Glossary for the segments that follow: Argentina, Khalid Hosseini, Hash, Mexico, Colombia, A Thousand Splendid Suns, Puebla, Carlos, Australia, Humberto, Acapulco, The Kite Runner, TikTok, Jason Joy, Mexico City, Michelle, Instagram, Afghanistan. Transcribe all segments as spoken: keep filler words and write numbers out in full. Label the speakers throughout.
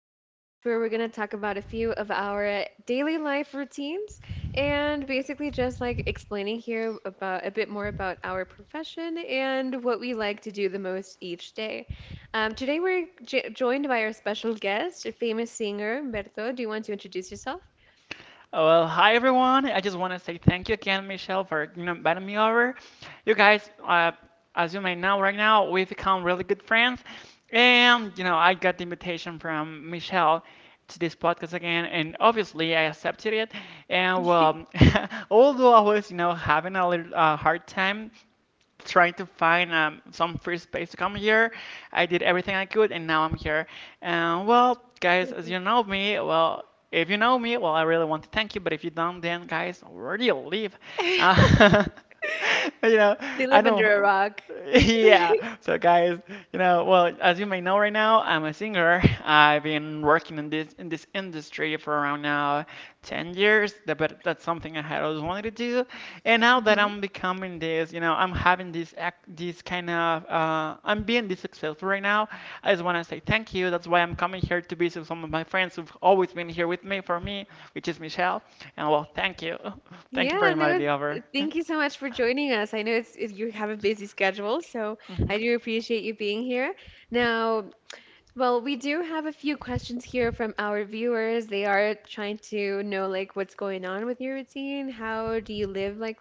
Speaker 1: podcast where we're going to talk about a few of our daily life routines and basically just like explaining here about a bit more about our profession and what we like to do the most each day. Um, today, we're j joined by our special guest, a famous singer, Humberto. Do you want to introduce yourself?
Speaker 2: Well, hi everyone. I just want to say thank you again, Michelle, for you know inviting me over. You guys, uh, as you may know, right now we've become really good friends, and you know I got the invitation from Michelle to this podcast again, and obviously I accepted it. And well, although I was you know having a little uh, hard time trying to find um, some free space to come here. I did everything I could, and now I'm here. And well, guys, as you
Speaker 1: Perfect.
Speaker 2: know me, well, if you know me, well, I really want to thank you. But if you don't, then guys, where do you live? Uh, you know,
Speaker 1: They
Speaker 2: I
Speaker 1: live under a
Speaker 2: know.
Speaker 1: rock.
Speaker 2: Yeah. So guys, you know, well, as you may know right now, I'm a singer. I've been working in this in this industry for around now ten years. That- But that's something I had always wanted to do. And now that I'm becoming this, you know, I'm having this act, this kind of uh, I'm being this successful right now. I just want to say thank you. That's why I'm coming here to visit some of my friends who've always been here with me for me, which is Michelle. And well, thank you. Thank you
Speaker 1: Yeah,
Speaker 2: very much,
Speaker 1: no,
Speaker 2: Be
Speaker 1: th- thank you so much for joining us. I know it's it, you have a busy schedule, so
Speaker 2: Mhm.
Speaker 1: I do appreciate you being here. Now, well, we do have a few questions here from our viewers. They are trying to know like what's going on with your routine. How do you live like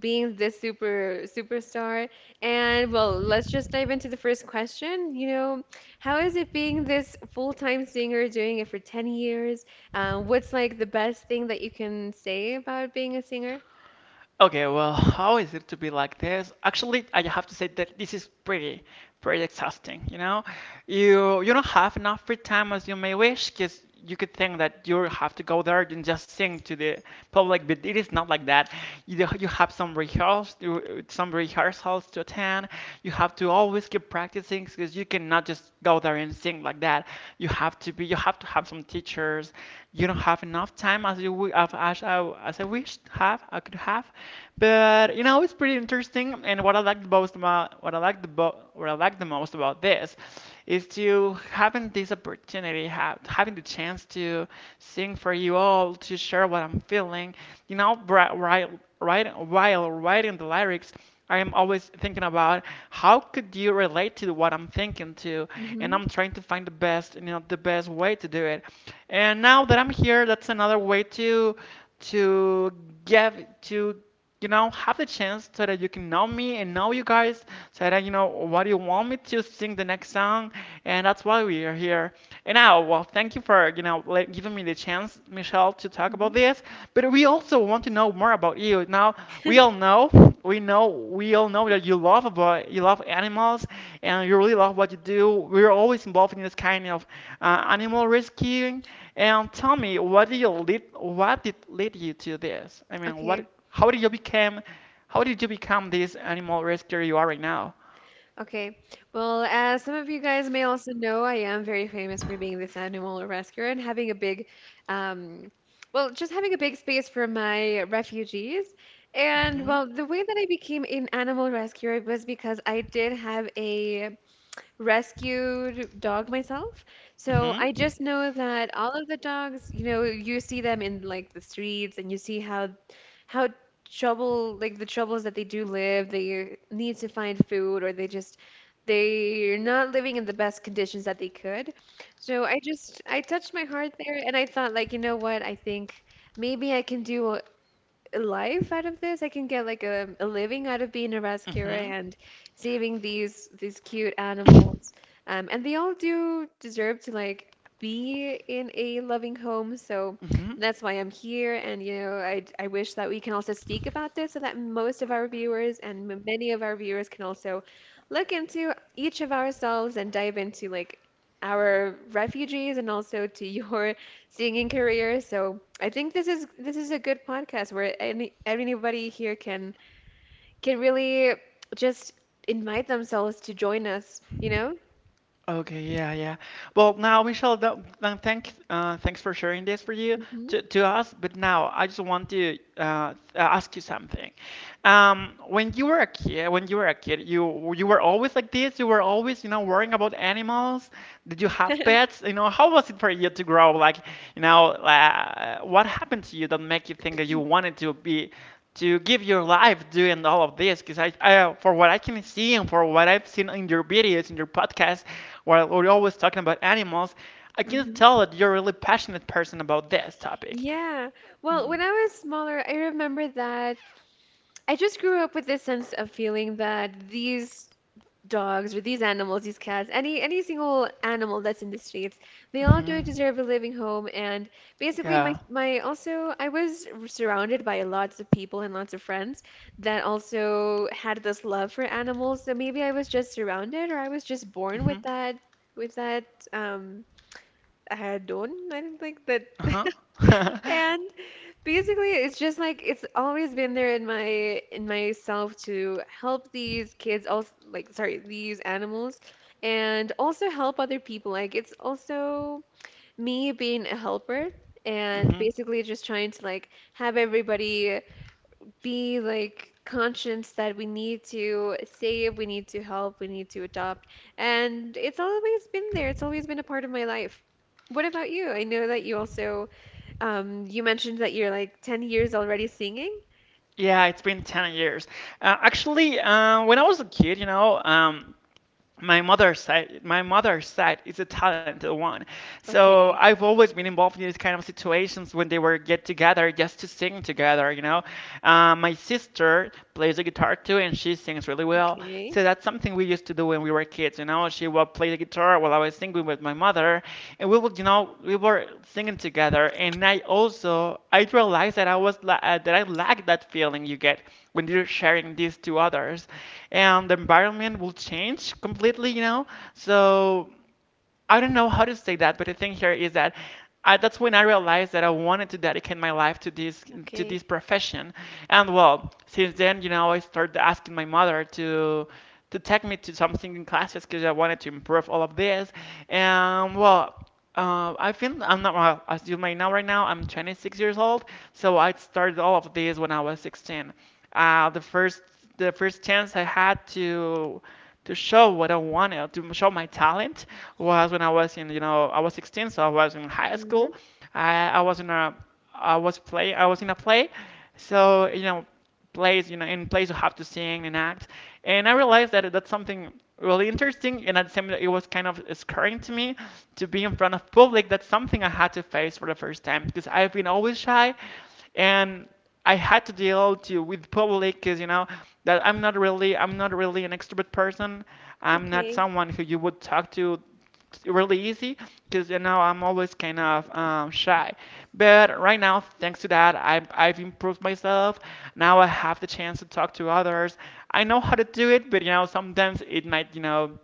Speaker 1: being this super superstar? And well, let's just dive into the first question. You know, how is it being this full-time singer, doing it for 10 years? Uh, what's like the best thing that you can say about being a singer?
Speaker 2: Okay, well, how is it to be like this? Actually, I have to say that this is pretty, pretty exhausting, you know? You you don't have enough free time as you may wish, because you could think that you have to go there and just sing to the public, but it is not like that. You you have some rehearsals, some rehearsals to attend. You have to always keep practicing, because you cannot just go there and sing like that. You have have to be you have to have some teachers. You don't have enough time as you as, as, I, as I wished have I could have but you know it's pretty interesting, and what I like the most about what I like the bo- what I like the most about this is to having this opportunity have, having the chance to sing for you all, to share what I'm feeling, you know bri- while, right, while writing the lyrics. I am always thinking about how could you relate to what I'm thinking to, and
Speaker 1: Mm-hmm.
Speaker 2: I'm trying to find the best, you know, the best way to do it. And now that I'm here, that's another way to to get to you know have the chance so that you can know me and know you guys, so that you know what you want me to sing the next song. And that's why we are here. And now, well, thank you for you know like, giving me the chance, Michelle, to talk about
Speaker 1: hmm
Speaker 2: this. But we also want to know more about you. Now we all know, we know, we all know that you love about you love animals and you really love what you do. We're always involved in this kind of uh, animal rescuing. And tell me, what did you lead? What did lead you to this? I mean, what?
Speaker 1: Okay.
Speaker 2: How did you become? How did you become this animal rescuer you are right now?
Speaker 1: Okay. Well, as some of you guys may also know, I am very famous for being this animal rescuer and having a big, um, well, just having a big space for my refugees. And
Speaker 2: Mhm.
Speaker 1: well, the way that I became an animal rescuer was because I did have a rescued dog myself. So
Speaker 2: Mhm.
Speaker 1: I just know that all of the dogs, you know, you see them in like the streets and you see how how trouble like the troubles that they do live. They need to find food, or they just they're not living in the best conditions that they could. So I just I touched my heart there and I thought like, you know what? I think maybe I can do a life out of this. I can get like a, a living out of being a rescuer
Speaker 2: Mhm.
Speaker 1: and saving these these cute animals. Um, and they all do deserve to like be in a loving home. So
Speaker 2: Mhm.
Speaker 1: that's why I'm here. And you know, I I wish that we can also speak about this so that most of our viewers and m- many of our viewers can also look into each of ourselves and dive into like. our refugees and also to your singing career. So I think this is this is a good podcast where any anybody here can can really just invite themselves to join us, you know?
Speaker 2: Okay, yeah, yeah. Well, now, Michelle, th th- thank, uh, thanks for sharing this for you
Speaker 1: Hmm
Speaker 2: to, to us. But now, I just want to uh, uh, ask you something. Um, when you were a kid, when you were a kid, you you were always like this. You were always, you know, worrying about animals. Did you have pets? You know, how was it for you to grow? Like, you know, uh, what happened to you that make you think that you wanted to be to give your life doing all of this? Because I, I, for what I can see and for what I've seen in your videos, in your podcast where we're always talking about animals, I can
Speaker 1: hmm
Speaker 2: tell that you're a really passionate person about this topic.
Speaker 1: Yeah. Well,
Speaker 2: Mm-hmm.
Speaker 1: when I was smaller, I remember that I just grew up with this sense of feeling that these dogs or these animals, these cats, any any single animal that's in the streets, they all do
Speaker 2: Mm-hmm.
Speaker 1: deserve a living home. And basically, my
Speaker 2: Yeah.
Speaker 1: my also I was surrounded by lots of people and lots of friends that also had this love for animals. So maybe I was just surrounded, or I was just born
Speaker 2: Mm-hmm.
Speaker 1: with that with that um adon, I think that.
Speaker 2: Uh-huh.
Speaker 1: And basically, it's just like it's always been there in my in myself to help these kids also like sorry, these animals and also help other people. Like it's also me being a helper and
Speaker 2: Hmm.
Speaker 1: basically just trying to like have everybody be like conscious that we need to save, we need to help, we need to adopt. And it's always been there. It's always been a part of my life. What about you? I know that you also um, you mentioned that you're like 10 years already singing.
Speaker 2: Yeah, it's been ten years. uh, actually, uh, when I was a kid, you know um, my mother's side my mother's side is a talented one, so
Speaker 1: Okay,
Speaker 2: I've always been involved in these kind of situations when they were get together just to sing together, you know. uh, my sister plays the guitar too, and she sings really well.
Speaker 1: okay,
Speaker 2: So that's something we used to do when we were kids. You know, she was would play the guitar while I was singing with my mother, and we would, you know, we were singing together. And I also I realized that I was la- uh, that I lacked that feeling you get when you're sharing this to others, and the environment will change completely, you know. So I don't know how to say that, but the thing here is that I, that's when I realized that I wanted to dedicate my life to this, to
Speaker 1: okay.
Speaker 2: this profession. And well, since then, you know, I started asking my mother to to take me to something in classes because I wanted to improve all of this. And well, uh, I feel I'm not well, as you may know right now, I'm twenty-six years old, so I started all of this when I was sixteen. Uh, the first the first chance I had to to show what I wanted, to show my talent, was when I was in, you know, I was sixteen, so I was in high
Speaker 1: hmm
Speaker 2: school. I, I was in a, I was play, I was in a play, so you know, plays, you know, in plays you have to sing and act, and I realized that that's something really interesting, and at the same time, it was kind of scaring to me to be in front of public. That's something I had to face for the first time because I've been always shy, and I had to deal to with public because you know that I'm not really I'm not really an extrovert person. I'm not
Speaker 1: Okay,
Speaker 2: someone who you would talk to really easy because you know I'm always kind of um, shy. But right now, thanks to that, I've, I've improved myself. Now I have the chance to talk to others. I know how to do it, but you know sometimes it might, you know,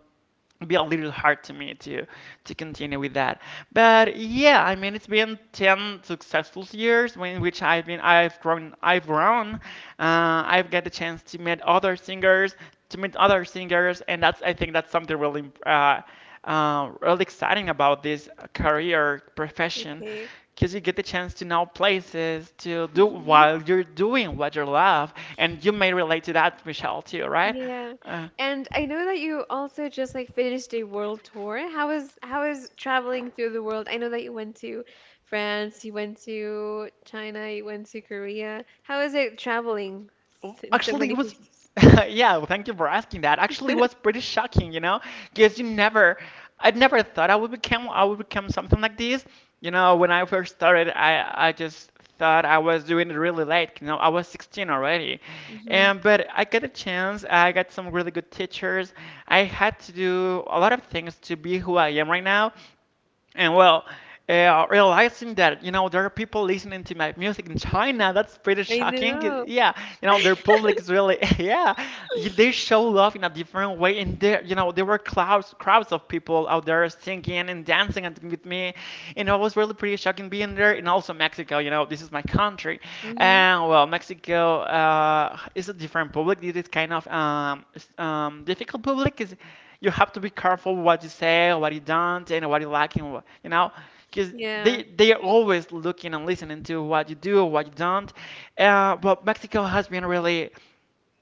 Speaker 2: be a little hard to me to to continue with that. But yeah, I mean, it's been ten successful years in which I've been I've grown I've grown. Uh, I've got the chance to meet other singers, to meet other singers, and that's I think that's something really uh, uh, really exciting about this career profession.
Speaker 1: okay.
Speaker 2: Because you get the chance to know places, to do
Speaker 1: hmm
Speaker 2: while you're doing what you love, and you may relate to that, Michelle, too, right?
Speaker 1: Yeah.
Speaker 2: Uh,
Speaker 1: And I know that you also just like finished a world tour. How is how is traveling through the world? I know that you went to France, you went to China, you went to Korea. How is it traveling
Speaker 2: oh,
Speaker 1: s- in so
Speaker 2: actually,
Speaker 1: many
Speaker 2: it was,
Speaker 1: places?
Speaker 2: yeah, well, thank you for asking that. Actually, it was pretty shocking, you know, because you never, I never thought I would become, I would become something like this. You know, when I first started, I, I just thought I was doing it really late. You know, I was sixteen already,
Speaker 1: hmm
Speaker 2: and but I got a chance. I got some really good teachers. I had to do a lot of things to be who I am right now. And well, uh, realizing that you know there are people listening to my music in China, that's pretty
Speaker 1: I
Speaker 2: shocking.
Speaker 1: know.
Speaker 2: Yeah, you know their public is really yeah, they show love in a different way. And there, you know, there were crowds crowds of people out there singing and dancing and with me, and it was really pretty shocking being there. And also Mexico, you know, this is my country,
Speaker 1: hmm
Speaker 2: and well, Mexico uh, is a different public. It is kind of um, s- um, difficult public. Is you have to be careful what you say, what you don't, and what you like, and what, you know, because
Speaker 1: Yeah.
Speaker 2: they they are always looking and listening to what you do, what you don't. Uh, but Mexico has been really,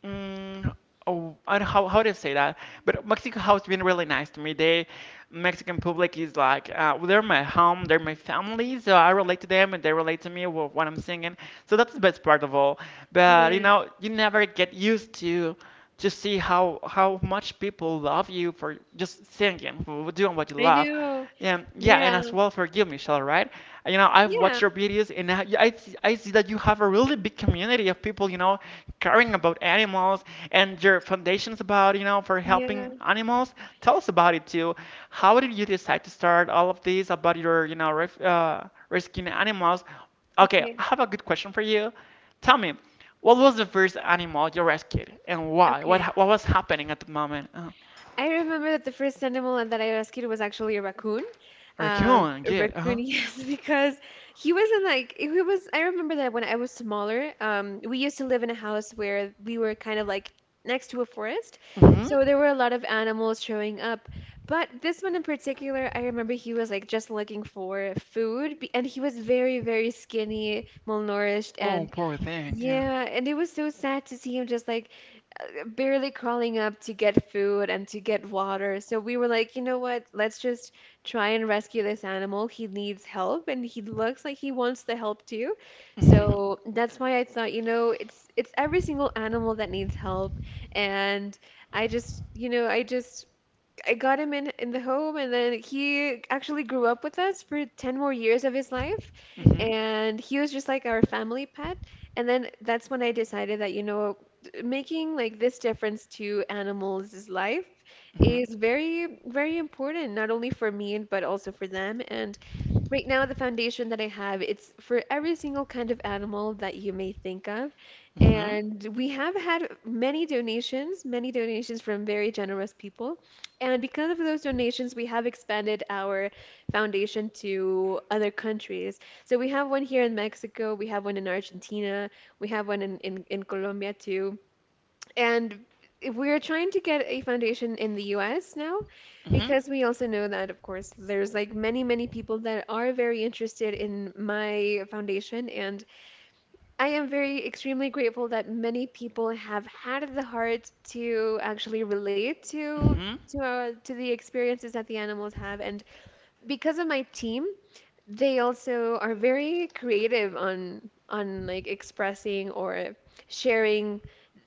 Speaker 2: mm, oh, I don't know how how do you say that? But Mexico has been really nice to me. They Mexican public is like uh, well, they're my home, they're my family, so I relate to them and they relate to me with what I'm singing. So that's the best part of all. But you
Speaker 1: Yeah.
Speaker 2: know, you never get used to. Just see how how much people love you for just singing, for doing what you
Speaker 1: I
Speaker 2: love.
Speaker 1: know.
Speaker 2: And yeah, and
Speaker 1: Yeah.
Speaker 2: as well, forgive me, Michelle, right? You know, I've watched
Speaker 1: Yeah.
Speaker 2: your videos, and I, I, see, I see that you have a really big community of people, you know, caring about animals, and your foundations about, you know, for
Speaker 1: Yeah.
Speaker 2: helping animals. Tell us about it too. How did you decide to start all of these about your, you know, ref, uh, rescuing animals? Okay,
Speaker 1: Okay.
Speaker 2: I have a good question for you. Tell me, what was the first animal you rescued and why? What ha-
Speaker 1: Okay.
Speaker 2: what was happening at the moment? Uh,
Speaker 1: I remember that the first animal that I rescued was actually a raccoon. Uh,
Speaker 2: raccoon,
Speaker 1: a
Speaker 2: good. Uh-huh.
Speaker 1: raccoon, yes, because he wasn't like he was. I remember that when I was smaller, um, we used to live in a house where we were kind of like next to a forest,
Speaker 2: hmm
Speaker 1: so there were a lot of animals showing up. But this one in particular, I remember he was like just looking for food, be- and he was very, very skinny, malnourished,
Speaker 2: Oh,
Speaker 1: and
Speaker 2: poor thing. Yeah.
Speaker 1: yeah, and it was so sad to see him just like uh, barely crawling up to get food and to get water. So we were like, you know what? Let's just try and rescue this animal. He needs help and he looks like he wants the help too.
Speaker 2: hmm
Speaker 1: So that's why I thought, you know, it's it's every single animal that needs help. And I just, you know, I just I got him in in the home, and then he actually grew up with us for ten more years more years of his life,
Speaker 2: hmm
Speaker 1: and he was just like our family pet. And then that's when I decided that, you know, making like this difference to animals' life
Speaker 2: hmm
Speaker 1: is very, very important, not only for me, but also for them. And right now, the foundation that I have, it's for every single kind of animal that you may think of.
Speaker 2: hmm
Speaker 1: And we have had many donations, many donations from very generous people. And because of those donations, we have expanded our foundation to other countries. So we have one here in Mexico, we have one in Argentina, we have one in, in, in Colombia too. And if we're trying to get a foundation in the U S now because we also know that, of course, there's like many, many people that are very interested in my foundation. And I am very extremely grateful that many people have had the heart to actually relate to
Speaker 2: hmm hmm
Speaker 1: to uh, to the experiences that the animals have. And because of my team, they also are very creative on on like expressing or sharing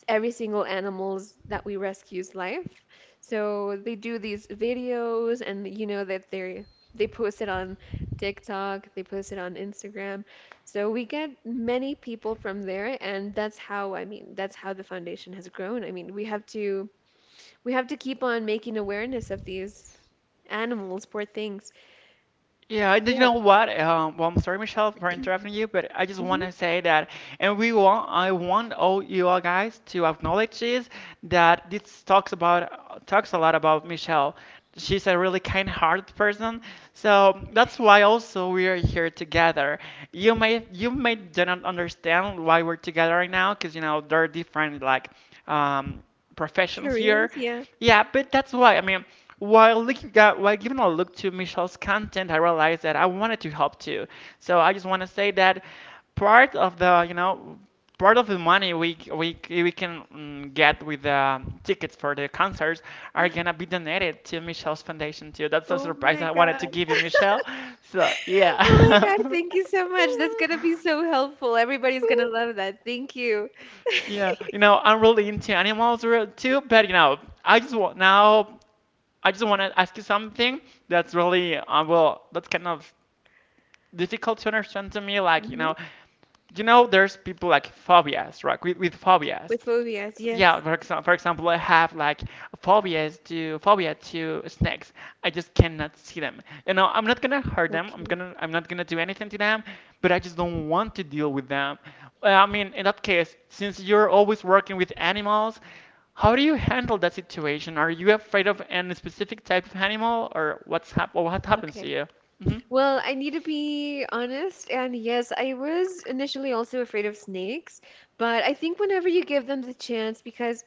Speaker 1: every single animal's that we rescue's life. So they do these videos and you know that they they post it on TikTok, they post it on Instagram. So we get many people from there and that's how I mean that's how the foundation has grown. I mean, we have to we have to keep on making awareness of these animals, poor things.
Speaker 2: Yeah, and you
Speaker 1: Yeah.
Speaker 2: know what? Um, well, I'm sorry, Michelle, for interrupting you, but I just want
Speaker 1: hmm
Speaker 2: to say that, and we want, I want all you all guys to acknowledge this, that this talks about, talks a lot about Michelle. She's a really kind-hearted person, so that's why also we are here together. You may, you may do not understand why we're together right now, because you know there are different like, um, professions here.
Speaker 1: Careers, yeah.
Speaker 2: Yeah, but that's why. I mean, while looking at, while giving a look to Michelle's content, I realized that I wanted to help too. So I just want to say that part of the, you know, part of the money we we we can mm, get with the tickets for the concerts are gonna be donated to Michelle's foundation too. That's a
Speaker 1: Oh
Speaker 2: surprise
Speaker 1: my
Speaker 2: I wanted to
Speaker 1: God.
Speaker 2: give you, Michelle. So
Speaker 1: Oh my God,
Speaker 2: yeah.
Speaker 1: thank you so much. That's gonna be so helpful. Everybody's gonna love that. Thank you.
Speaker 2: Yeah, you know, I'm really into animals re- too, but you know, I just want now, I just want to ask you something that's really, uh, well, that's kind of difficult to understand to me. Like you
Speaker 1: Mm-hmm.
Speaker 2: know, you know, there's people like phobias, right? With, with phobias.
Speaker 1: With phobias.
Speaker 2: Yeah,
Speaker 1: Yes.
Speaker 2: for example, for example, I have like phobias to phobia to snakes. I just cannot see them. You know, I'm not gonna hurt them. I'm
Speaker 1: Okay.
Speaker 2: gonna I'm not gonna do anything to them, but I just don't want to deal with them. Well, I mean, in that case, since you're always working with animals, how do you handle that situation? Are you afraid of any specific type of animal, or what's hap- or what happens to
Speaker 1: Okay.
Speaker 2: you? hmm
Speaker 1: Well, I need to be honest, and yes, I was initially also afraid of snakes, but I think whenever you give them the chance, because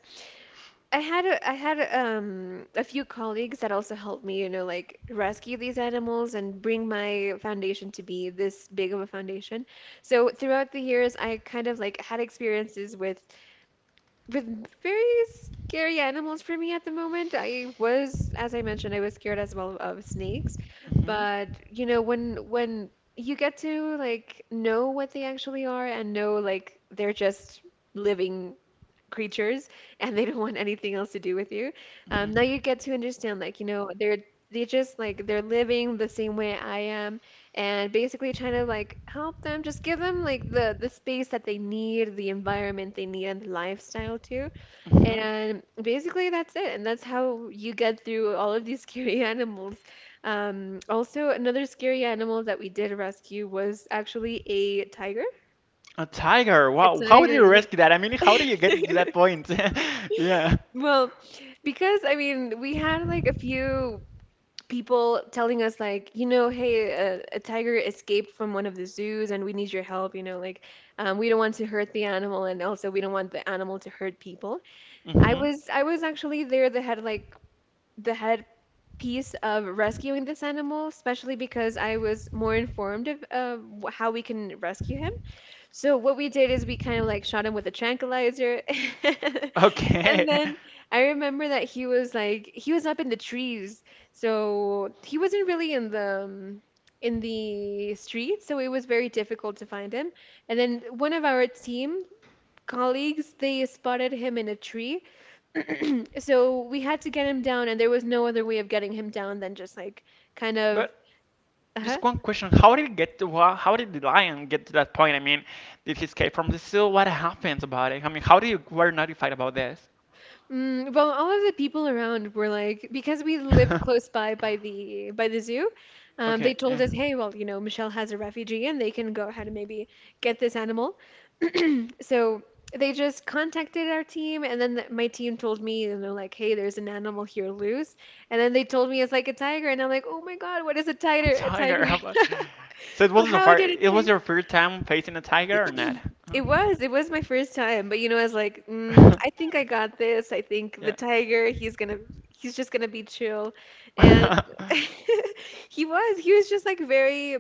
Speaker 1: I had a, I had um a few colleagues that also helped me, you know, like rescue these animals and bring my foundation to be this big of a foundation. So throughout the years, I kind of like had experiences with with very scary animals for me at the moment. I was, as I mentioned, I was scared as well of snakes.
Speaker 2: hmm
Speaker 1: But you know, when when you get to like know what they actually are and know like they're just living creatures and they don't want anything else to do with you. Um,
Speaker 2: Mhm.
Speaker 1: now you get to understand, like, you know, they're they just like they're living the same way I am, and basically trying to like help them, just give them like the the space that they need, the environment they need, and the lifestyle too.
Speaker 2: Mhm.
Speaker 1: And basically that's it, and that's how you get through all of these scary animals. Um, also, another scary animal that we did rescue was actually a tiger.
Speaker 2: A tiger.
Speaker 1: A
Speaker 2: Wow. How did
Speaker 1: tiger,
Speaker 2: you rescue that? I mean,
Speaker 1: yeah.
Speaker 2: how did you get to that point? Yeah.
Speaker 1: Well, because I mean, we had like a few people telling us like, you know, hey, a, a tiger escaped from one of the zoos and we need your help, you know, like um, we don't want to hurt the animal and also we don't want the animal to hurt people. I
Speaker 2: hmm
Speaker 1: was I was actually there the head like the head piece of rescuing this animal, especially because I was more informed of, of wh- how we can rescue him. So what we did is we kind of like shot him with a tranquilizer. And
Speaker 2: Okay.
Speaker 1: then I remember that he was like he was up in the trees. So he wasn't really in the um, in the street, so it was very difficult to find him. And then one of our team colleagues, they spotted him in a tree. So we had to get him down and there was no other way of getting him down than just like kind of
Speaker 2: But
Speaker 1: uh-huh,
Speaker 2: just one question. How did it get to wha- how did the lion get to that point? I mean, did he escape from the zoo? What happens about it? I mean, how did you were notified about this?
Speaker 1: Mm, well, all of the people around were like, because we lived close by by the by the zoo, um, they
Speaker 2: Okay,
Speaker 1: told
Speaker 2: yeah.
Speaker 1: us, hey, well, you know, Michelle has a refugee and they can go ahead and maybe get this animal. So they just contacted our team, and then th my team told me, and they're like, hey, there's an animal here loose, and then they told me it's like a tiger, and I'm like, oh my God, what is a
Speaker 2: A
Speaker 1: tiger? A tiger?
Speaker 2: tiger. but- So it wasn't a
Speaker 1: How
Speaker 2: far
Speaker 1: did
Speaker 2: It was
Speaker 1: it?
Speaker 2: your first time facing a tiger or not? Uh.
Speaker 1: It was, it was my first time, but you know, I was like, mm, I think I got this. I think the
Speaker 2: Yeah.
Speaker 1: tiger, he's gonna, he's just gonna be chill. And he was, he was just like very,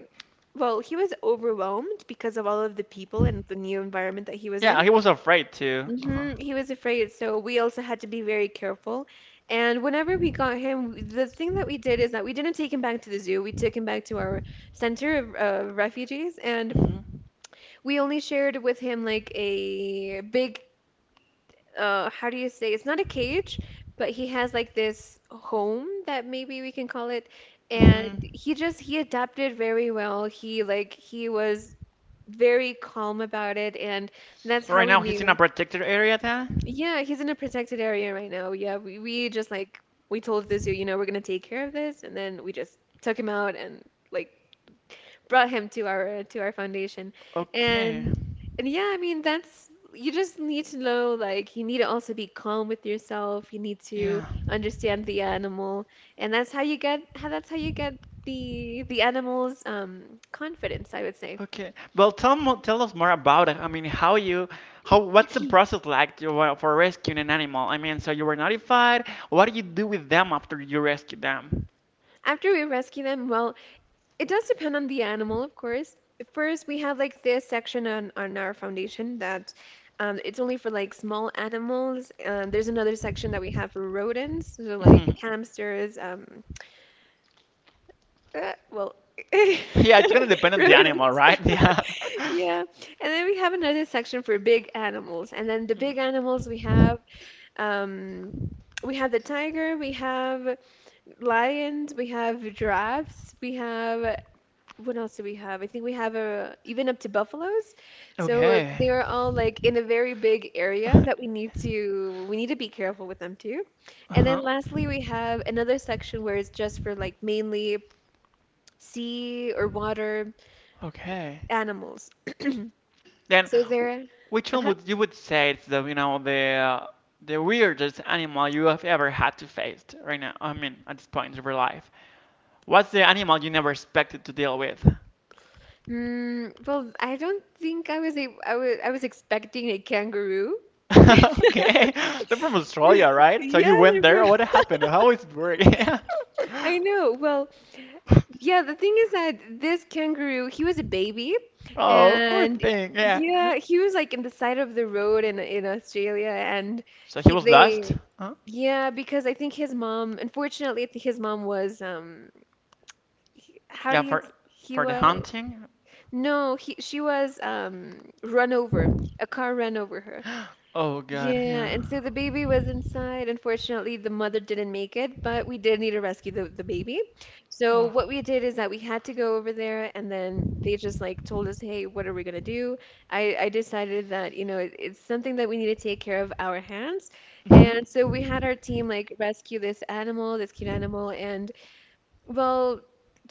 Speaker 1: well, he was overwhelmed because of all of the people and the new environment that he was
Speaker 2: Yeah,
Speaker 1: in.
Speaker 2: he was afraid to. Uh-huh.
Speaker 1: Hmm he was afraid, so we also had to be very careful. And whenever we got him, the thing that we did is that we didn't take him back to the zoo. We took him back to our center of uh, refugees, and
Speaker 2: Mm-hmm.
Speaker 1: we only shared with him like a big, uh, how do you say? It's not a cage, but he has like this home that maybe we can call it. And
Speaker 2: Mm-hmm.
Speaker 1: he just, he adapted very well. He like, he was very calm about it. And that's
Speaker 2: So
Speaker 1: how
Speaker 2: right
Speaker 1: we
Speaker 2: now he's in a
Speaker 1: knew.
Speaker 2: protected area then?
Speaker 1: Yeah, he's in a protected area right now. Yeah, we, we just like, we told the zoo, you know, we're gonna take care of this. And then we just took him out and like brought him to our to our foundation.
Speaker 2: Okay.
Speaker 1: and and yeah, I mean, that's you just need to know, like, you need to also be calm with yourself. You need to
Speaker 2: Yeah.
Speaker 1: understand the animal, and that's how you get how that's how you get the the animal's um confidence, I would say.
Speaker 2: Okay. Well, tell mo- tell us more about it. I mean, how you how what's the process like to, uh, for rescuing an animal? I mean, so you were notified. What do you do with them after you rescue them?
Speaker 1: After we rescue them, well, it does depend on the animal, of course. First, we have like this section on, on our foundation that um, it's only for like small animals. Um, there's another section that we have for rodents, so like
Speaker 2: Mhm.
Speaker 1: hamsters, um, uh, well,
Speaker 2: Yeah, it's gonna depend on the animal,
Speaker 1: rodents,
Speaker 2: right? Yeah.
Speaker 1: yeah. And then we have another section for big animals. And then the big animals we have, um, we have the tiger, we have lions, we have giraffes, we have what else do we have? I think we have a even up to buffaloes. So
Speaker 2: Okay.
Speaker 1: they're all like in a very big area that we need to we need to be careful with them too. And then
Speaker 2: Uh-huh.
Speaker 1: lastly, we have another section where it's just for like mainly sea or water
Speaker 2: Okay.
Speaker 1: animals.
Speaker 2: Then,
Speaker 1: So
Speaker 2: w-
Speaker 1: there
Speaker 2: which one
Speaker 1: Uh-huh.
Speaker 2: would you would say is the you know the uh, the weirdest animal you have ever had to face right now? I mean, at this point in your life, what's the animal you never expected to deal with?
Speaker 1: Mm, well, I don't think I was a I was I was expecting a kangaroo.
Speaker 2: Okay, they're from Australia, right? So
Speaker 1: Yeah,
Speaker 2: you
Speaker 1: they're
Speaker 2: went
Speaker 1: from-
Speaker 2: there. What happened? How is it working?
Speaker 1: I know. Well, yeah, the thing is that this kangaroo, he was a baby,
Speaker 2: Oh, poor
Speaker 1: and
Speaker 2: thing. Yeah.
Speaker 1: yeah, he was like in the side of the road in in Australia, and
Speaker 2: So he
Speaker 1: he
Speaker 2: was lost.
Speaker 1: they
Speaker 2: Huh?
Speaker 1: yeah, because I think his mom, unfortunately, I think his mom was um how do
Speaker 2: Yeah,
Speaker 1: you
Speaker 2: for
Speaker 1: s- he
Speaker 2: for the
Speaker 1: was
Speaker 2: hunting.
Speaker 1: no, he she was um run over. A car ran over her.
Speaker 2: Oh God.
Speaker 1: Yeah,
Speaker 2: Yeah.
Speaker 1: and so the baby was inside. Unfortunately, the mother didn't make it, but we did need to rescue the, the baby. So
Speaker 2: Wow.
Speaker 1: what we did is that we had to go over there, and then they just like told us, "Hey, what are we gonna do?" I I decided that, you know it, it's something that we need to take care of our hands,
Speaker 2: Mhm.
Speaker 1: and so we had our team like rescue this animal, this cute animal, and well,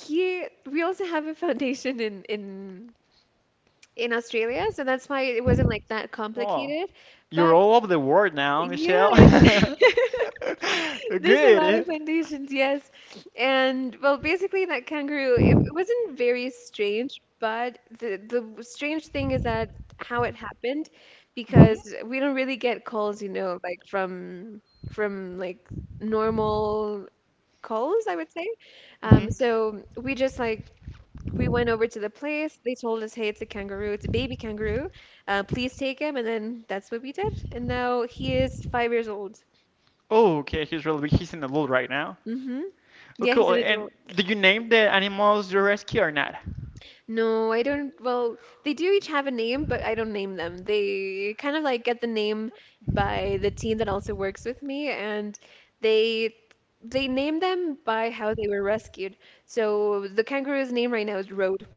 Speaker 1: he we also have a foundation in in in Australia, so that's why it wasn't like that
Speaker 2: Wow.
Speaker 1: complicated.
Speaker 2: You're
Speaker 1: But
Speaker 2: all over the world now,
Speaker 1: yeah,
Speaker 2: Michelle.
Speaker 1: it's there's a lot of
Speaker 2: Good.
Speaker 1: plantations, yes. And well, basically that kangaroo, it, it wasn't very strange, but the the strange thing is that how it happened,
Speaker 2: hmm
Speaker 1: because we don't really get calls, you know, like from from like normal calls, I would say. Um,
Speaker 2: hmm
Speaker 1: so we just like we went over to the place. They told us, hey, it's a kangaroo, it's a baby kangaroo. Uh, please take him, and then that's what we did. And now he is five years old.
Speaker 2: Oh, okay. He's really he's in the loot right now.
Speaker 1: Mm-hmm.
Speaker 2: Oh,
Speaker 1: Yeah, he's
Speaker 2: cool.
Speaker 1: an
Speaker 2: And
Speaker 1: adult.
Speaker 2: did you name the animals you rescue or not?
Speaker 1: No, I don't. Well, they do each have a name, but I don't name them. They kind of like get the name by the team that also works with me, and they they name them by how they were rescued. So the kangaroo's name right now is Road.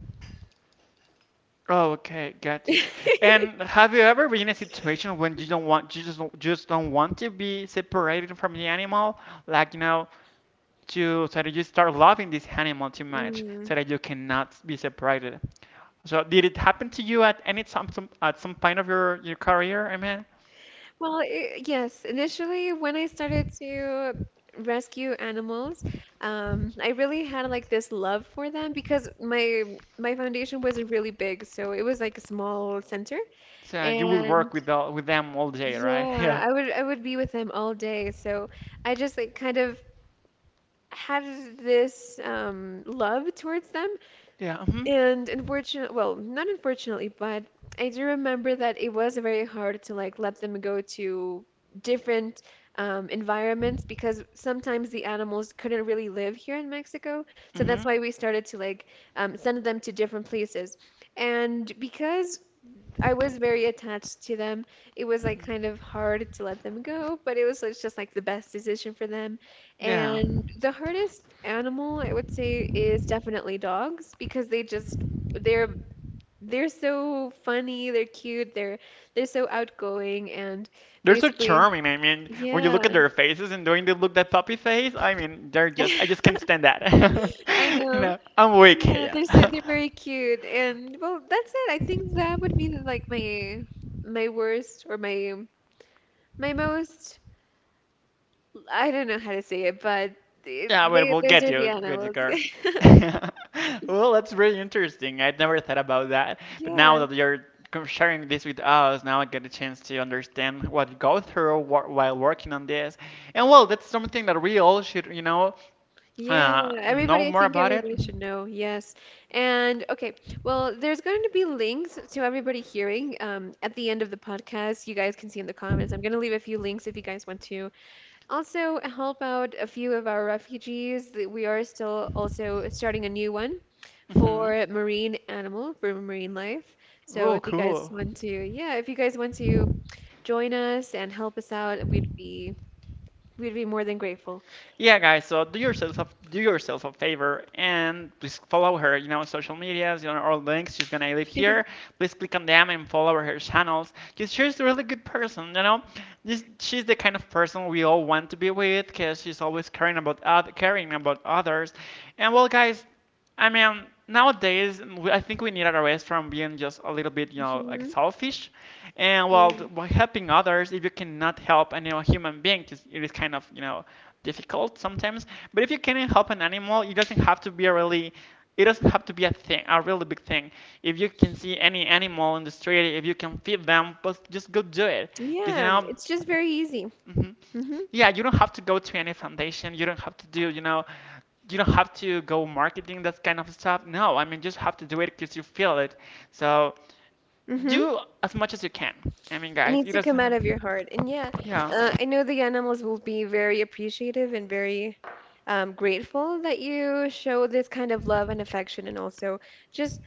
Speaker 2: Oh, okay, gotcha. And have you ever been in a situation when you don't want, you just don't, just don't want to be separated from the animal? Like, you know, to so that you start loving this animal too much
Speaker 1: Mm.
Speaker 2: so that you cannot be separated. So did it happen to you at any some, some at some point of your, your career? I mean,
Speaker 1: Well, I yes, initially when I started to rescue animals, um, I really had like this love for them because my my foundation wasn't really big, so it was like a small center,
Speaker 2: so you will
Speaker 1: and
Speaker 2: work with all, with them all day, right?
Speaker 1: yeah,
Speaker 2: Yeah,
Speaker 1: I would I would be with them all day, so I just like kind of had this um, love towards them,
Speaker 2: yeah, mhm,
Speaker 1: and unfortunately, well, not unfortunately, but I do remember that it was very hard to like let them go to different um, environments because sometimes the animals couldn't really live here in Mexico. So that's
Speaker 2: mhm,
Speaker 1: why we started to like um, send them to different places. And because I was very attached to them. It was like kind of hard to let them go, but it was it's just like the best decision for them.
Speaker 2: yeah.
Speaker 1: And the hardest animal I would say is definitely dogs because they just they're they're so funny, they're cute, they're they're so outgoing, and
Speaker 2: They're so
Speaker 1: basically
Speaker 2: charming. I mean, when you
Speaker 1: yeah.
Speaker 2: look at their faces and doing the look that puppy face, I mean, they're just I just can't stand that.
Speaker 1: I
Speaker 2: You
Speaker 1: know.
Speaker 2: know, I'm weak.
Speaker 1: Yeah,
Speaker 2: Yeah.
Speaker 1: they're so they're very cute. And well, that's it. I think that would be like my my worst or my my most, I don't know how to say it, but they,
Speaker 2: Yeah, well,
Speaker 1: they
Speaker 2: we'll
Speaker 1: those
Speaker 2: get
Speaker 1: are the
Speaker 2: you, get you,
Speaker 1: animals.
Speaker 2: car. Well, that's really interesting. I'd never thought about that. But
Speaker 1: Yeah,
Speaker 2: now that you're com- sharing this with us, now I get a chance to understand what you go through wh while working on this. And well, that's something that we all should, you know,
Speaker 1: yeah.
Speaker 2: uh, know
Speaker 1: Everybody, I
Speaker 2: more
Speaker 1: think
Speaker 2: about it.
Speaker 1: everybody should know. Yes. And okay, well, there's going to be links to everybody hearing, um, at the end of the podcast. You guys can see in the comments. I'm going to leave a few links if you guys want to also help out a few of our refugees. That We are still also starting a new one
Speaker 2: Mm-hmm.
Speaker 1: for marine animal, for marine life. So
Speaker 2: Oh,
Speaker 1: if you guys
Speaker 2: cool.
Speaker 1: want to, yeah, if you guys want to join us and help us out, we'd be we'd be more than grateful.
Speaker 2: Yeah guys, so do yourself a, do yourself a favor and please follow her, you know, social medias, you know, all links she's gonna leave here. Please click on them and follow her channels, because she's a really good person, you know, this, she's the kind of person we all want to be with because she's always caring about oth- caring about others. And well guys, I mean, nowadays, we- I think we need a rest from being just a little bit, you know, like
Speaker 1: Hmm.
Speaker 2: selfish. And while,
Speaker 1: Yeah.
Speaker 2: th- while helping others, if you cannot help any human being, it is it is kind of, you know, difficult sometimes. But if you can help an animal, it doesn't have to be a really, it doesn't have to be a thing, a really big thing. If you can see any animal in the street, if you can feed them, but just go do it. Because, you
Speaker 1: Yeah,
Speaker 2: know,
Speaker 1: it's just very easy.
Speaker 2: hmm
Speaker 1: Mm-hmm.
Speaker 2: yeah, you don't have to go to any foundation. You don't have to do, you know, you don't have to go marketing that kind of stuff. No, I mean just have to do it because you feel it. So
Speaker 1: Mm-hmm.
Speaker 2: do as much as you can. I mean,
Speaker 1: It
Speaker 2: guys,
Speaker 1: needs
Speaker 2: it
Speaker 1: to
Speaker 2: doesn't
Speaker 1: come out
Speaker 2: have.
Speaker 1: of your heart. And yeah,
Speaker 2: Yeah,
Speaker 1: uh, I know the animals will be very appreciative and very, um, grateful that you show this kind of love and affection, and also just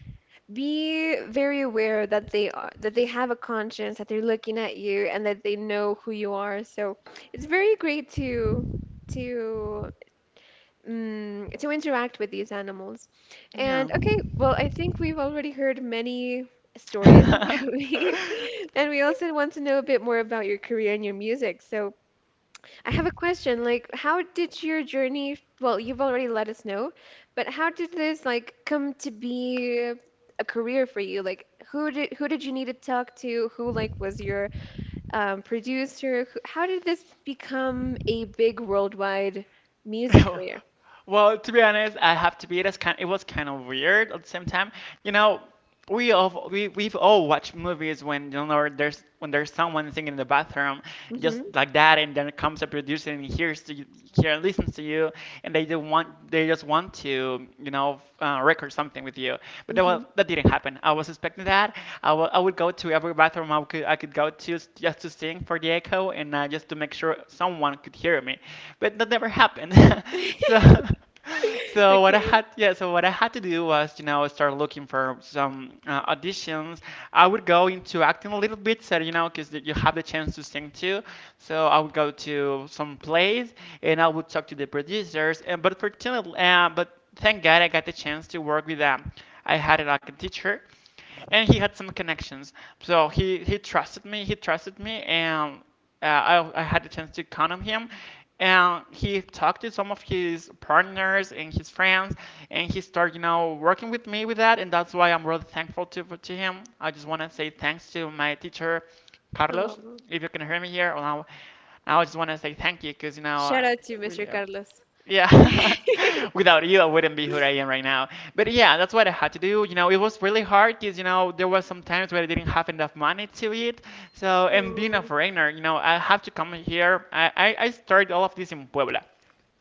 Speaker 1: be very aware that they are that they have a conscience, that they're looking at you, and that they know who you are. So it's very great to to mm, to interact with these animals.
Speaker 2: yeah.
Speaker 1: And okay, well, I think we've already heard many stories about me, and we also want to know a bit more about your career and your music. So I have a question, like, how did your journey, well, you've already let us know, but how did this like come to be a career for you? Like, who did who did you need to talk to? Who like was your, um, producer? Who, how did this become a big worldwide music career?
Speaker 2: Well, to be honest, I have to be. It, is kind, it was kind of weird at the same time. You know, we all we we've all watched movies when you know there's when there's someone singing in the bathroom,
Speaker 1: Mm-hmm.
Speaker 2: just like that, and then comes a producer and hears to you, here and listens to you, and they don't want they just want to, you know, uh, record something with you. But that was,
Speaker 1: Mhm.
Speaker 2: that didn't happen. I was expecting that. I wa- I would go to every bathroom I could I could go to just to sing for the echo and uh, just to make sure someone could hear me. But that never happened. so so what I
Speaker 1: Okay.
Speaker 2: had yeah so what I had to do was, you know, start looking for some uh, auditions. I would go into acting a little bit, so you know, because you have the chance to sing too. So I would go to some plays and I would talk to the producers. And but fortunately, uh, but thank God I got the chance to work with them. I had it like a teacher and he had some connections. So he he trusted me. He trusted me, and uh, I I had the chance to con him. And he talked to some of his partners and his friends, and he started, you know, working with me with that, and that's why I'm really thankful to to him. I just want to say thanks to my teacher, Carlos,
Speaker 1: Oh.
Speaker 2: if you can hear me here. Well, now, now I just want to say thank you, because you know,
Speaker 1: Shout
Speaker 2: uh,
Speaker 1: out to
Speaker 2: we.
Speaker 1: Mister
Speaker 2: Uh,
Speaker 1: Carlos.
Speaker 2: yeah. Without you, I wouldn't be who I am right now. But yeah, that's what I had to do. You know, it was really hard because, you know, there was some times where I didn't have enough money to eat. So, and being a
Speaker 1: Oh.
Speaker 2: foreigner, you know, I have to come here. I, I, I started all of this in Puebla.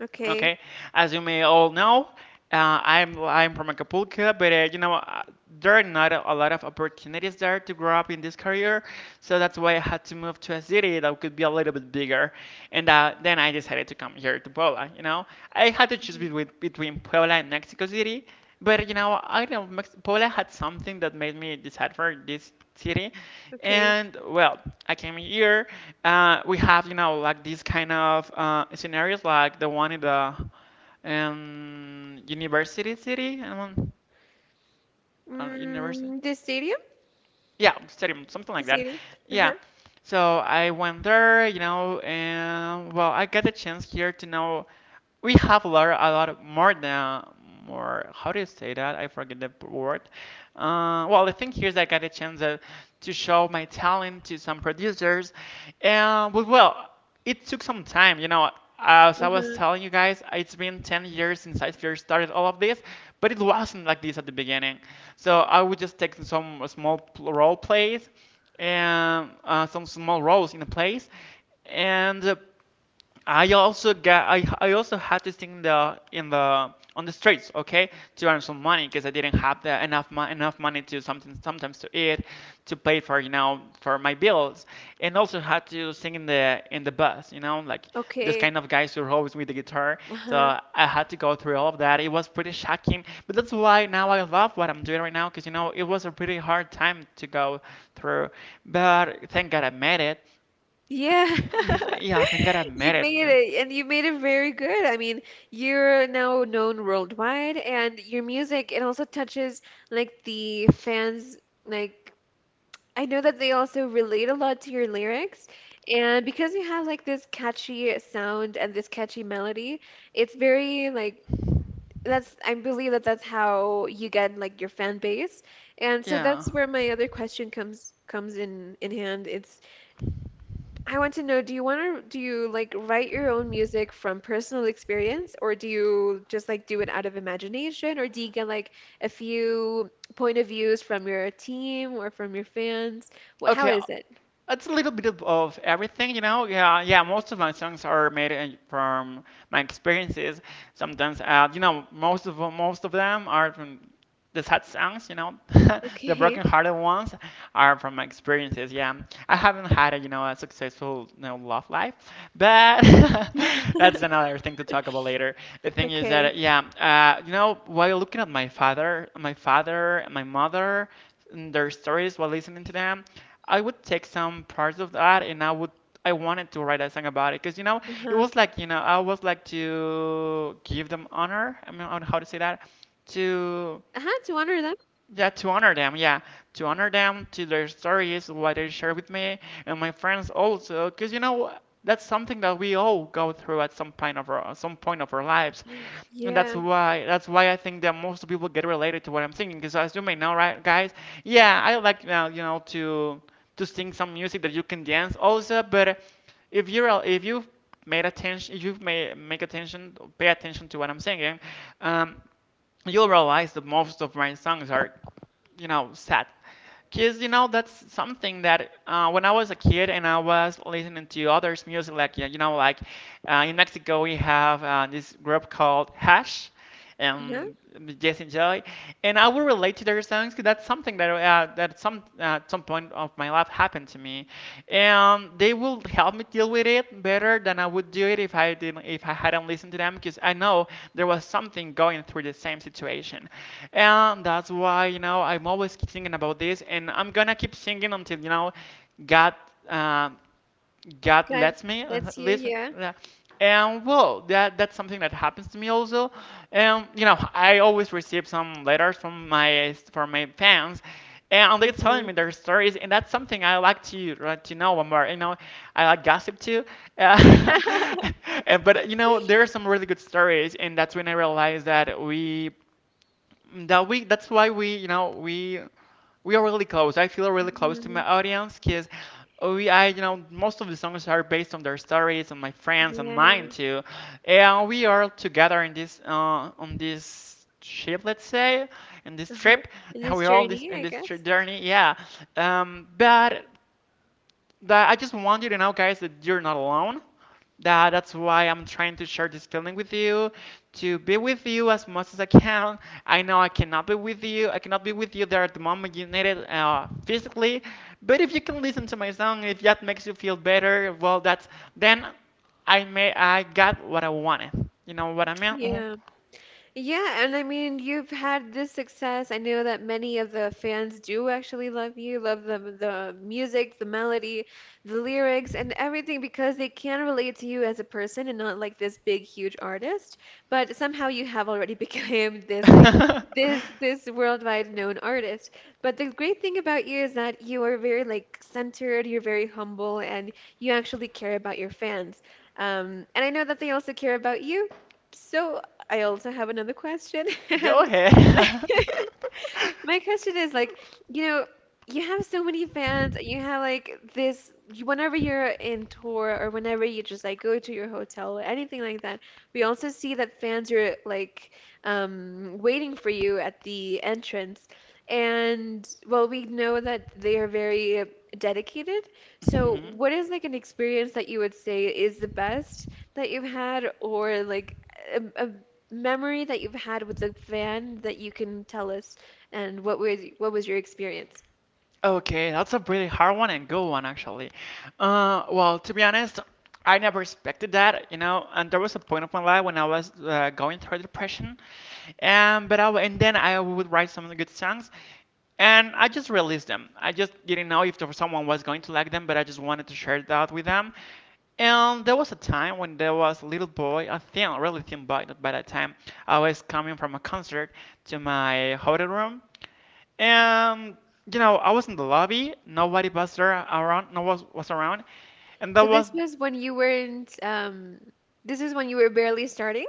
Speaker 1: Okay.
Speaker 2: Okay, as you may all know, uh, I'm I'm from Acapulco, but uh, you know uh, there are not a, a lot of opportunities there to grow up in this career, so that's why I had to move to a city that could be a little bit bigger, and uh, then I decided to come here to Puebla. You know, I had to choose
Speaker 1: Mhm.
Speaker 2: between between Puebla and Mexico City, but you know, I don't know, Mex- Puebla had something that made me decide for this city.
Speaker 1: Okay.
Speaker 2: And well, I came here. Uh, we have, you know, like these kind of uh, scenarios, like the one in the um, university city, and one, uh, university
Speaker 1: Mm, the stadium?
Speaker 2: yeah, stadium, something
Speaker 1: The
Speaker 2: like that.
Speaker 1: stadium? Uh-huh.
Speaker 2: Yeah. So I went there, you know, and well, I got the chance here to know we have a lot, a lot more than more. How do you say that? I forget the p- word. Uh, well, the thing here is I got a chance uh, to show my talent to some producers, and well, well it took some time, you know. As I was
Speaker 1: Uh-huh.
Speaker 2: telling you guys, it's been ten years since I first started all of this, but it wasn't like this at the beginning. So I would just take some small pl- role plays and uh, some small roles in a place, and uh, I also got I, I also had to sing the in the on the streets, okay, to earn some money because I didn't have the enough mo- enough money to something sometimes to eat, to pay for, you know, for my bills, and also had to sing in the in the bus, you know, like this
Speaker 1: Okay.
Speaker 2: kind of guys who are always with the guitar. So
Speaker 1: Uh-huh.
Speaker 2: I had to go through all of that. It was pretty shocking, but that's why now I love what I'm doing right now, because you know it was a pretty hard time to go through, but thank God I made it.
Speaker 1: Yeah.
Speaker 2: Mm, Yeah, thank God I made
Speaker 1: You
Speaker 2: it.
Speaker 1: made it, and you made it very good. I mean, you're now known worldwide, and your music, it also touches like the fans, like I know that they also relate a lot to your lyrics, and because you have like this catchy sound and this catchy melody, it's very like, that's I believe that that's how you get like your fan base. And so
Speaker 2: Yeah.
Speaker 1: that's where my other question comes comes in in hand. It's I want to know, do you want to do you like write your own music from personal experience, or do you just like do it out of imagination, or do you get like a few point of views from your team or from your fans? What, how
Speaker 2: Okay. uh,
Speaker 1: is it?
Speaker 2: It's a little bit of, of everything, you know. Yeah, yeah. Most of my songs are made in- from my experiences. Sometimes, uh, you know, most of most of them are from the sad songs, you know, the
Speaker 1: Okay.
Speaker 2: broken-hearted ones are from my experiences. Yeah, I haven't had a, you know, a successful, you know, love life, but that's another thing to talk about later. The thing is
Speaker 1: Okay.
Speaker 2: that, yeah, uh, you know, while looking at my father, my father and my mother, and their stories while listening to them, I would take some parts of that, and I would. I wanted to write a song about it, because you know it
Speaker 1: Uh-huh.
Speaker 2: was like, you know, I was like to give them honor. I mean, I don't know how to say that to,
Speaker 1: Uh-huh, to honor them.
Speaker 2: yeah, to honor them, yeah. To honor them, to their stories, what they share with me and my friends also, because you know that's something that we all go through at some point of our some point of our lives, and that's
Speaker 1: Yeah.
Speaker 2: why that's why I think that most people get related to what I'm thinking. Because as you may know, right, guys, yeah, I like, uh, you know, to to sing some music that you can dance also, but if you're a- if you've made attention, if you've made make attention, pay attention to what I'm singing, um you'll realize that most of my songs are, you know, sad. Because, you know, that's something that uh, when I was a kid and I was listening to others' music, like, you know, like uh, in Mexico we have uh, this group called Hash
Speaker 1: Uh-huh.
Speaker 2: and Jason Joy, and I will relate to their songs because that's something that, uh, that some, uh, at some point of my life happened to me, and they will help me deal with it better than I would do it if I didn't if I hadn't listened to them, because I know there was something going through the same situation, and that's why, you know, I'm always thinking about this, and I'm gonna keep singing until, you know, God. Uh, God
Speaker 1: Got it.
Speaker 2: lets me, uh,
Speaker 1: That's you,
Speaker 2: leads me,
Speaker 1: yeah.
Speaker 2: yeah. And well, that that's something that happens to me also. And you know, I always receive some letters from my from my fans, and they're telling
Speaker 1: Uh-huh.
Speaker 2: me their stories, and that's something I like to, uh, to know more. You know, I like gossip too, uh, and, but you know, there are some really good stories, and that's when I realized that we that we that's why we you know we we are really close. I feel really close to my
Speaker 1: Mhm.
Speaker 2: audience because we I you know most of the songs are based on their stories, on my friends and
Speaker 1: Yeah.
Speaker 2: mine too, and we are together in this, uh, on this ship, let's say, in this
Speaker 1: Uh-huh.
Speaker 2: trip.
Speaker 1: In this
Speaker 2: We are on this
Speaker 1: journey,
Speaker 2: in
Speaker 1: I
Speaker 2: this tri-
Speaker 1: guess.
Speaker 2: journey, yeah. Um but that, I just want you to know, guys, that you're not alone. That that's why I'm trying to share this feeling with you, to be with you as much as I can. I know I cannot be with you. I cannot be with you there at the moment you need it, uh, physically. But if you can listen to my song, if that makes you feel better, well, that's then I may I got what I wanted. You know what I mean?
Speaker 1: Yeah. Yeah, and I mean, you've had this success. I know that many of the fans do actually love you, love the the music, the melody, the lyrics, and everything because they can relate to you as a person and not like this big, huge artist. But somehow you have already become this like
Speaker 2: Mhm.
Speaker 1: this this worldwide known artist. But the great thing about you is that you are very like centered, you're very humble, and you actually care about your fans. Um, and I know that they also care about you. So I also have another question,
Speaker 2: Go
Speaker 1: and
Speaker 2: ahead.
Speaker 1: my question is like, you know, you have so many fans, and you have like this, you- whenever you're in tour or whenever you just like go to your hotel or anything like that, we also see that fans are like um, waiting for you at the entrance. And well, we know that they are very dedicated. So,
Speaker 2: Mhm.
Speaker 1: what is like an experience that you would say is the best that you've had, or like a, a memory that you've had with a fan that you can tell us? And what was what was your experience?
Speaker 2: Okay, that's a pretty hard one and good one, actually. Uh, well, to be honest, I never expected that, you know. And there was a point of my life when I was uh, going through depression, and but I w- and then I would write some good songs, and I just released them. I just didn't know if there was someone was going to like them, but I just wanted to share that with them. And there was a time when there was a little boy, a thin, really thin boy. That by that time, I was coming from a concert to my hotel room, and you know, I was in the lobby. Nobody was there around. No one was, was around, and that
Speaker 1: So
Speaker 2: was,
Speaker 1: this was when you weren't— um this is when you were barely starting?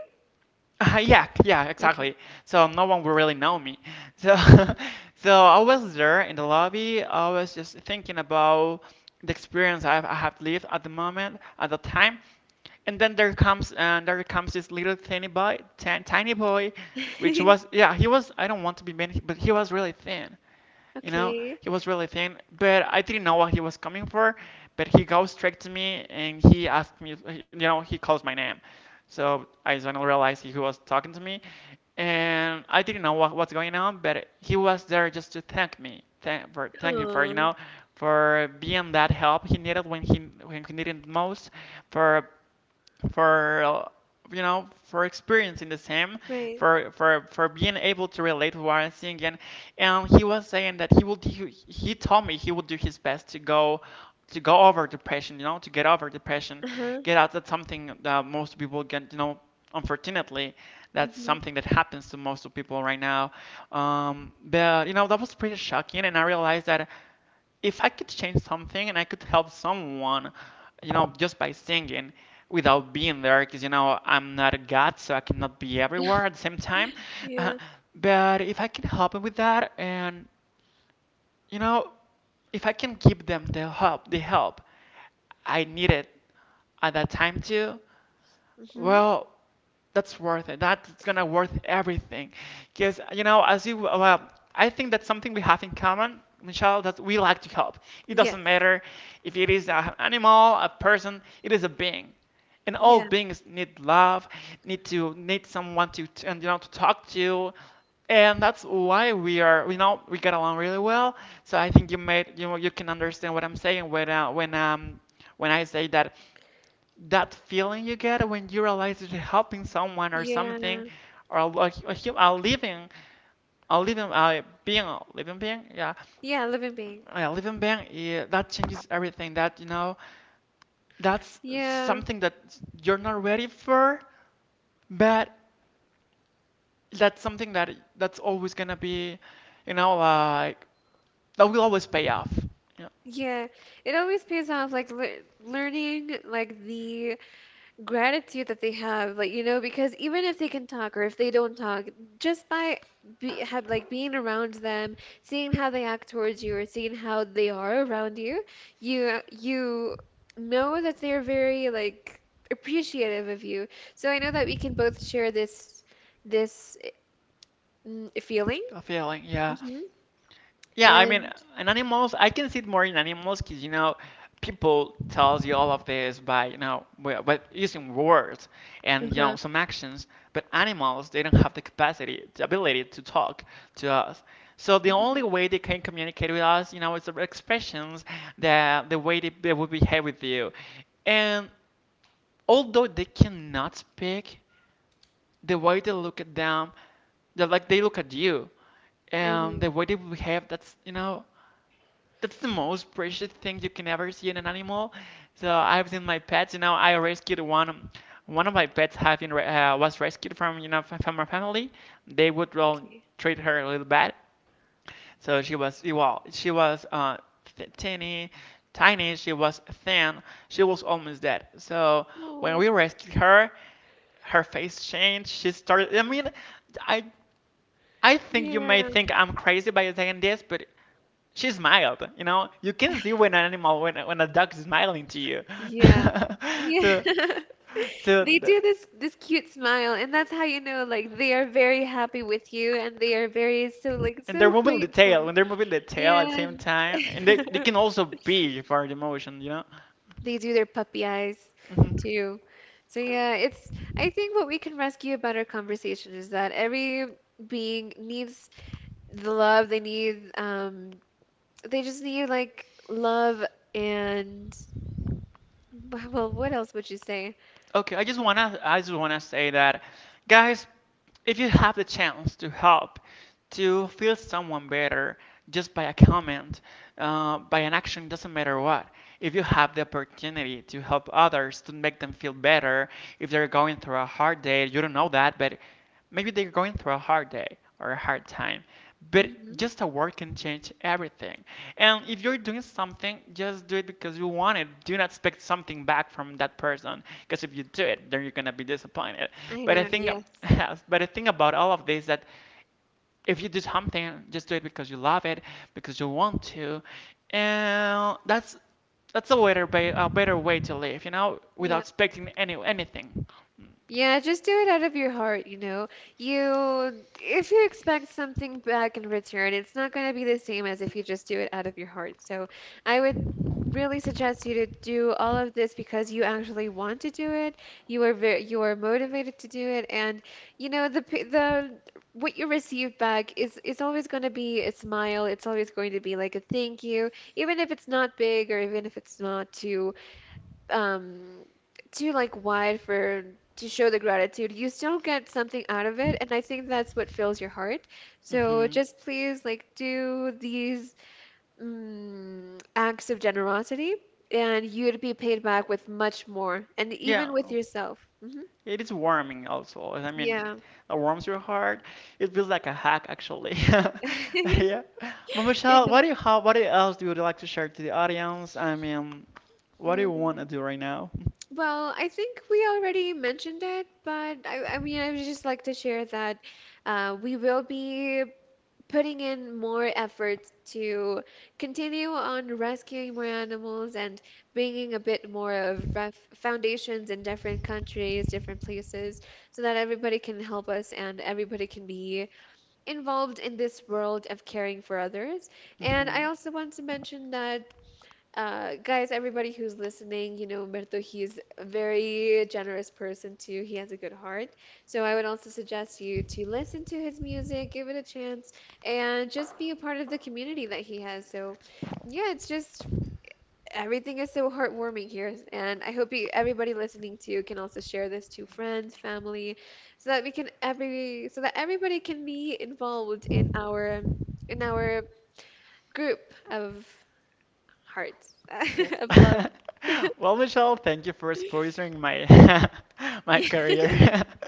Speaker 2: yeah, yeah,
Speaker 1: Okay.
Speaker 2: exactly. So no one would really know me. So, so I was there in the lobby. I was just thinking about the experience I've, I have lived at the moment, at the time. And then there comes, and there comes this little tiny boy, t- tiny boy, which was, yeah, he was. I don't want to be mean, but he was really thin. You know,
Speaker 1: Okay.
Speaker 2: he was really thin, but I didn't know what he was coming for. But he goes straight to me, and he asked me, you know, he calls my name. So I suddenly realized he was talking to me, and I didn't know what what's going on, but he was there just to thank me, thank for thank you for, you
Speaker 1: Oh,
Speaker 2: know, for being that help he needed when he when he needed most, for for uh, you know, for experiencing the same,
Speaker 1: right.
Speaker 2: for for for being able to relate to what I'm seeing, and and he was saying that he will do, he told me he would do his best to go to go over depression, you know, to get over depression,
Speaker 1: Uh-huh.
Speaker 2: get out, that's something that most people get, you know, unfortunately, that's
Speaker 1: Mm-hmm.
Speaker 2: something that happens to most of people right now. Um, but you know that was pretty shocking, and I realized that if I could change something and I could help someone, you know, just by singing, without being there, because, you know, I'm not a god, so I cannot be everywhere at the same time. Uh,
Speaker 1: Yeah.
Speaker 2: but if I can help them with that, and, you know, if I can give them the help, the help I needed at that time too,
Speaker 1: Mm-hmm.
Speaker 2: well, that's worth it. That's gonna worth everything, because you know, as you well, I think that's something we have in common, Michelle, that we like to help. It
Speaker 1: Yes.
Speaker 2: doesn't matter if it is an animal, a person, it is a being, and all
Speaker 1: Yeah.
Speaker 2: beings need love, need to need someone to t- and you know, to talk to, and that's why we are, you know, we get along really well. So I think you made, you know, you can understand what I'm saying when, uh, when, um when I say that that feeling you get when you realize that you're helping someone or something,
Speaker 1: Yeah.
Speaker 2: or a, a, a living a living, uh, being a living being, yeah,
Speaker 1: Yeah, living being.
Speaker 2: a living being, yeah, that changes everything, that, you know, that's
Speaker 1: Yeah.
Speaker 2: something that you're not ready for, but that's something that that's always gonna be, you know, like, that will always pay off, you know,
Speaker 1: Yeah. It always pays off, like, le learning like the gratitude that they have, like, you know, because even if they can talk or if they don't talk, just by be, have like being around them, seeing how they act towards you or seeing how they are around you, you you know that they're very like appreciative of you. So I know that we can both share this this mm, feeling.
Speaker 2: a feeling, yeah.
Speaker 1: Hmm.
Speaker 2: Yeah, I mean,
Speaker 1: And.
Speaker 2: in animals, I can see it more in animals because, you know, people tells you all of this by, you know, wi- with using words and, you
Speaker 1: Uh-huh.
Speaker 2: know, some actions, but animals, they don't have the capacity, the ability to talk to us. So the
Speaker 1: Hmm.
Speaker 2: only way they can communicate with us, you know, is the expressions, the, the way they, they will behave with you. And although they cannot speak, the way they look at them, they like they look at you,
Speaker 1: I
Speaker 2: and the
Speaker 1: know.
Speaker 2: way they behave, that's, you know, that's the most precious thing you can ever see in an animal. So I've seen my pets. You know, I rescued one. One of my pets have been re- uh, was rescued from, you know, from my family. They would, well,
Speaker 1: Okay.
Speaker 2: treat her a little bad. So she was, well, she was, uh, th- tiny, tiny. She was thin. She was almost dead. So when
Speaker 1: Oh,
Speaker 2: we rescued her, her face changed. She started. I mean, I I think you may
Speaker 1: yeah.
Speaker 2: think I'm crazy by saying this, but she smiled. You know, you can see when an animal, when when a dog is smiling to you.
Speaker 1: Yeah. Yeah.
Speaker 2: So, so,
Speaker 1: They
Speaker 2: the,
Speaker 1: do this this cute smile, and that's how you know, like, they are very happy with you, and they are very so like
Speaker 2: and they're
Speaker 1: so
Speaker 2: moving the
Speaker 1: grateful.
Speaker 2: tail. When they're moving the tail
Speaker 1: Yeah.
Speaker 2: at the same
Speaker 1: and-
Speaker 2: time, and they, they can also be for the motion. You know.
Speaker 1: They do their puppy eyes
Speaker 2: Mhm.
Speaker 1: too. So yeah, it's I think what we can rescue about our conversation is that every being needs the love they need, um they just need like love. And well, what else would you say?
Speaker 2: Okay, I just wanna I just wanna say that, guys, if you have the chance to help, to feel someone better, just by a comment, uh, by an action, doesn't matter what. If you have the opportunity to help others, to make them feel better, if they're going through a hard day, you don't know that, but maybe they're going through a hard day or a hard time, but
Speaker 1: Hmm.
Speaker 2: just a word can change everything. And if you're doing something, just do it because you want it. Do not expect something back from that person, because if you do it, then you're gonna be disappointed.
Speaker 1: I
Speaker 2: But I
Speaker 1: know,
Speaker 2: think,
Speaker 1: yes.
Speaker 2: but I think about all of this is that if you do something, just do it because you love it, because you want to, and that's that's a better way, a better way to live, you know, without
Speaker 1: Yeah.
Speaker 2: expecting any anything.
Speaker 1: Yeah, just do it out of your heart, you know. You, if you expect something back in return, it's not going to be the same as if you just do it out of your heart. So I would really suggest you to do all of this because you actually want to do it. You are very, you are motivated to do it, and you know the p- the what you receive back is is always going to be a smile. It's always going to be like a thank you, even if it's not big or even if it's not too um too like wide for to show the gratitude, you still get something out of it, and I think that's what fills your heart. So
Speaker 2: Hmm.
Speaker 1: just please like do these mm, acts of generosity, and you'd be paid back with much more and
Speaker 2: Yeah.
Speaker 1: even with yourself. Hmm.
Speaker 2: It is warming also. I mean,
Speaker 1: Yeah.
Speaker 2: it warms your heart. It feels like a hack, actually. Yeah. But Michelle, what
Speaker 1: It-
Speaker 2: do you have, what else do you like to share to the audience? I mean, what do you want to
Speaker 1: mm,
Speaker 2: do right now?
Speaker 1: well, i, think we already mentioned it but i, I mean I would just like to share that, uh, we will be putting in more effort to continue on rescuing more animals and bringing a bit more of ref foundations in different countries, different places, so that everybody can help us and everybody can be involved in this world of caring for others. And I
Speaker 2: Hmm.
Speaker 1: also want to mention that, uh, guys, everybody who's listening, you know, Umberto, he's a very generous person too. He has a good heart. So I would also suggest you to listen to his music, give it a chance, and just be a part of the community that he has. So yeah, it's just everything is so heartwarming here. And I hope you, everybody listening to you, can also share this to friends, family, so that we can every, so that everybody can be involved in our, in our group of hearts,
Speaker 2: Well,
Speaker 1: of love.
Speaker 2: well, Michelle, thank you for sponsoring my my career.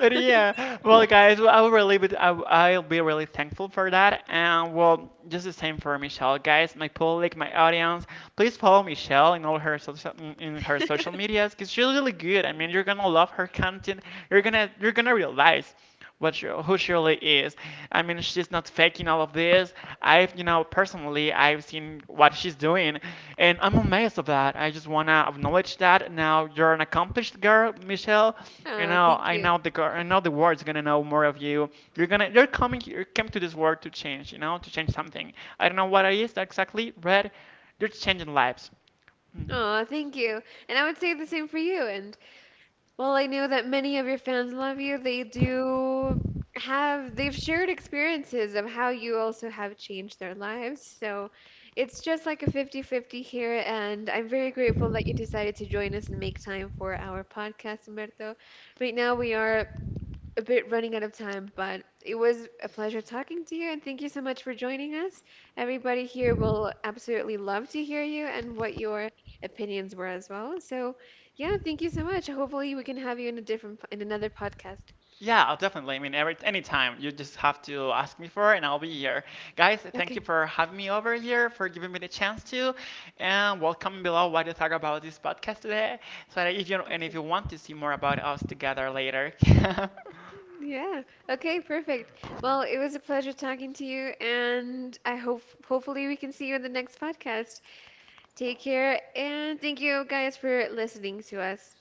Speaker 2: But yeah, well, guys, well, I will really be, I, I'll be really thankful for that. And well, just the same for Michelle, guys, my public, my audience. Please follow Michelle in all her social, in in her social medias, because she's really good. I mean, you're gonna love her content. You're gonna you're gonna realize what she, who Shirley is. I mean, she's not faking all of this. I've, you know, personally, I've seen what she's doing, and I'm amazed of that. I just wanna acknowledge that. Now you're an accomplished girl, Michelle. You
Speaker 1: Oh,
Speaker 2: know,
Speaker 1: thank
Speaker 2: I
Speaker 1: you.
Speaker 2: know the girl, I know the world's gonna know more of you. You're gonna, you're coming, you came to this world to change. You know, to change something. I don't know what it is exactly, but you're changing lives. Mm.
Speaker 1: Oh, thank you. And I would say the same for you. And while I know that many of your fans love you, they do have, they've shared experiences of how you also have changed their lives. So it's just like a fifty fifty here. And I'm very grateful that you decided to join us and make time for our podcast, Humberto. Right now, we are a bit running out of time, but it was a pleasure talking to you, and thank you so much for joining us. Everybody here will absolutely love to hear you and what your opinions were as well. So, yeah, thank you so much. Hopefully, we can have you in a different in another podcast.
Speaker 2: Yeah, definitely. I mean, every anytime you just have to ask me for it, and I'll be here. Guys, thank you
Speaker 1: Okay,
Speaker 2: for having me over here, for giving me the chance to, and welcome below what you thought about this podcast today. So that if you and if
Speaker 1: okay.
Speaker 2: you want to see more about us together later,
Speaker 1: Yeah. Okay, perfect. Well, it was a pleasure talking to you, and I hope hopefully we can see you in the next podcast. Take care, and thank you guys for listening to us.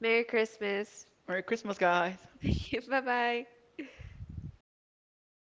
Speaker 1: Merry Christmas.
Speaker 2: Merry Christmas, guys.
Speaker 1: Bye bye.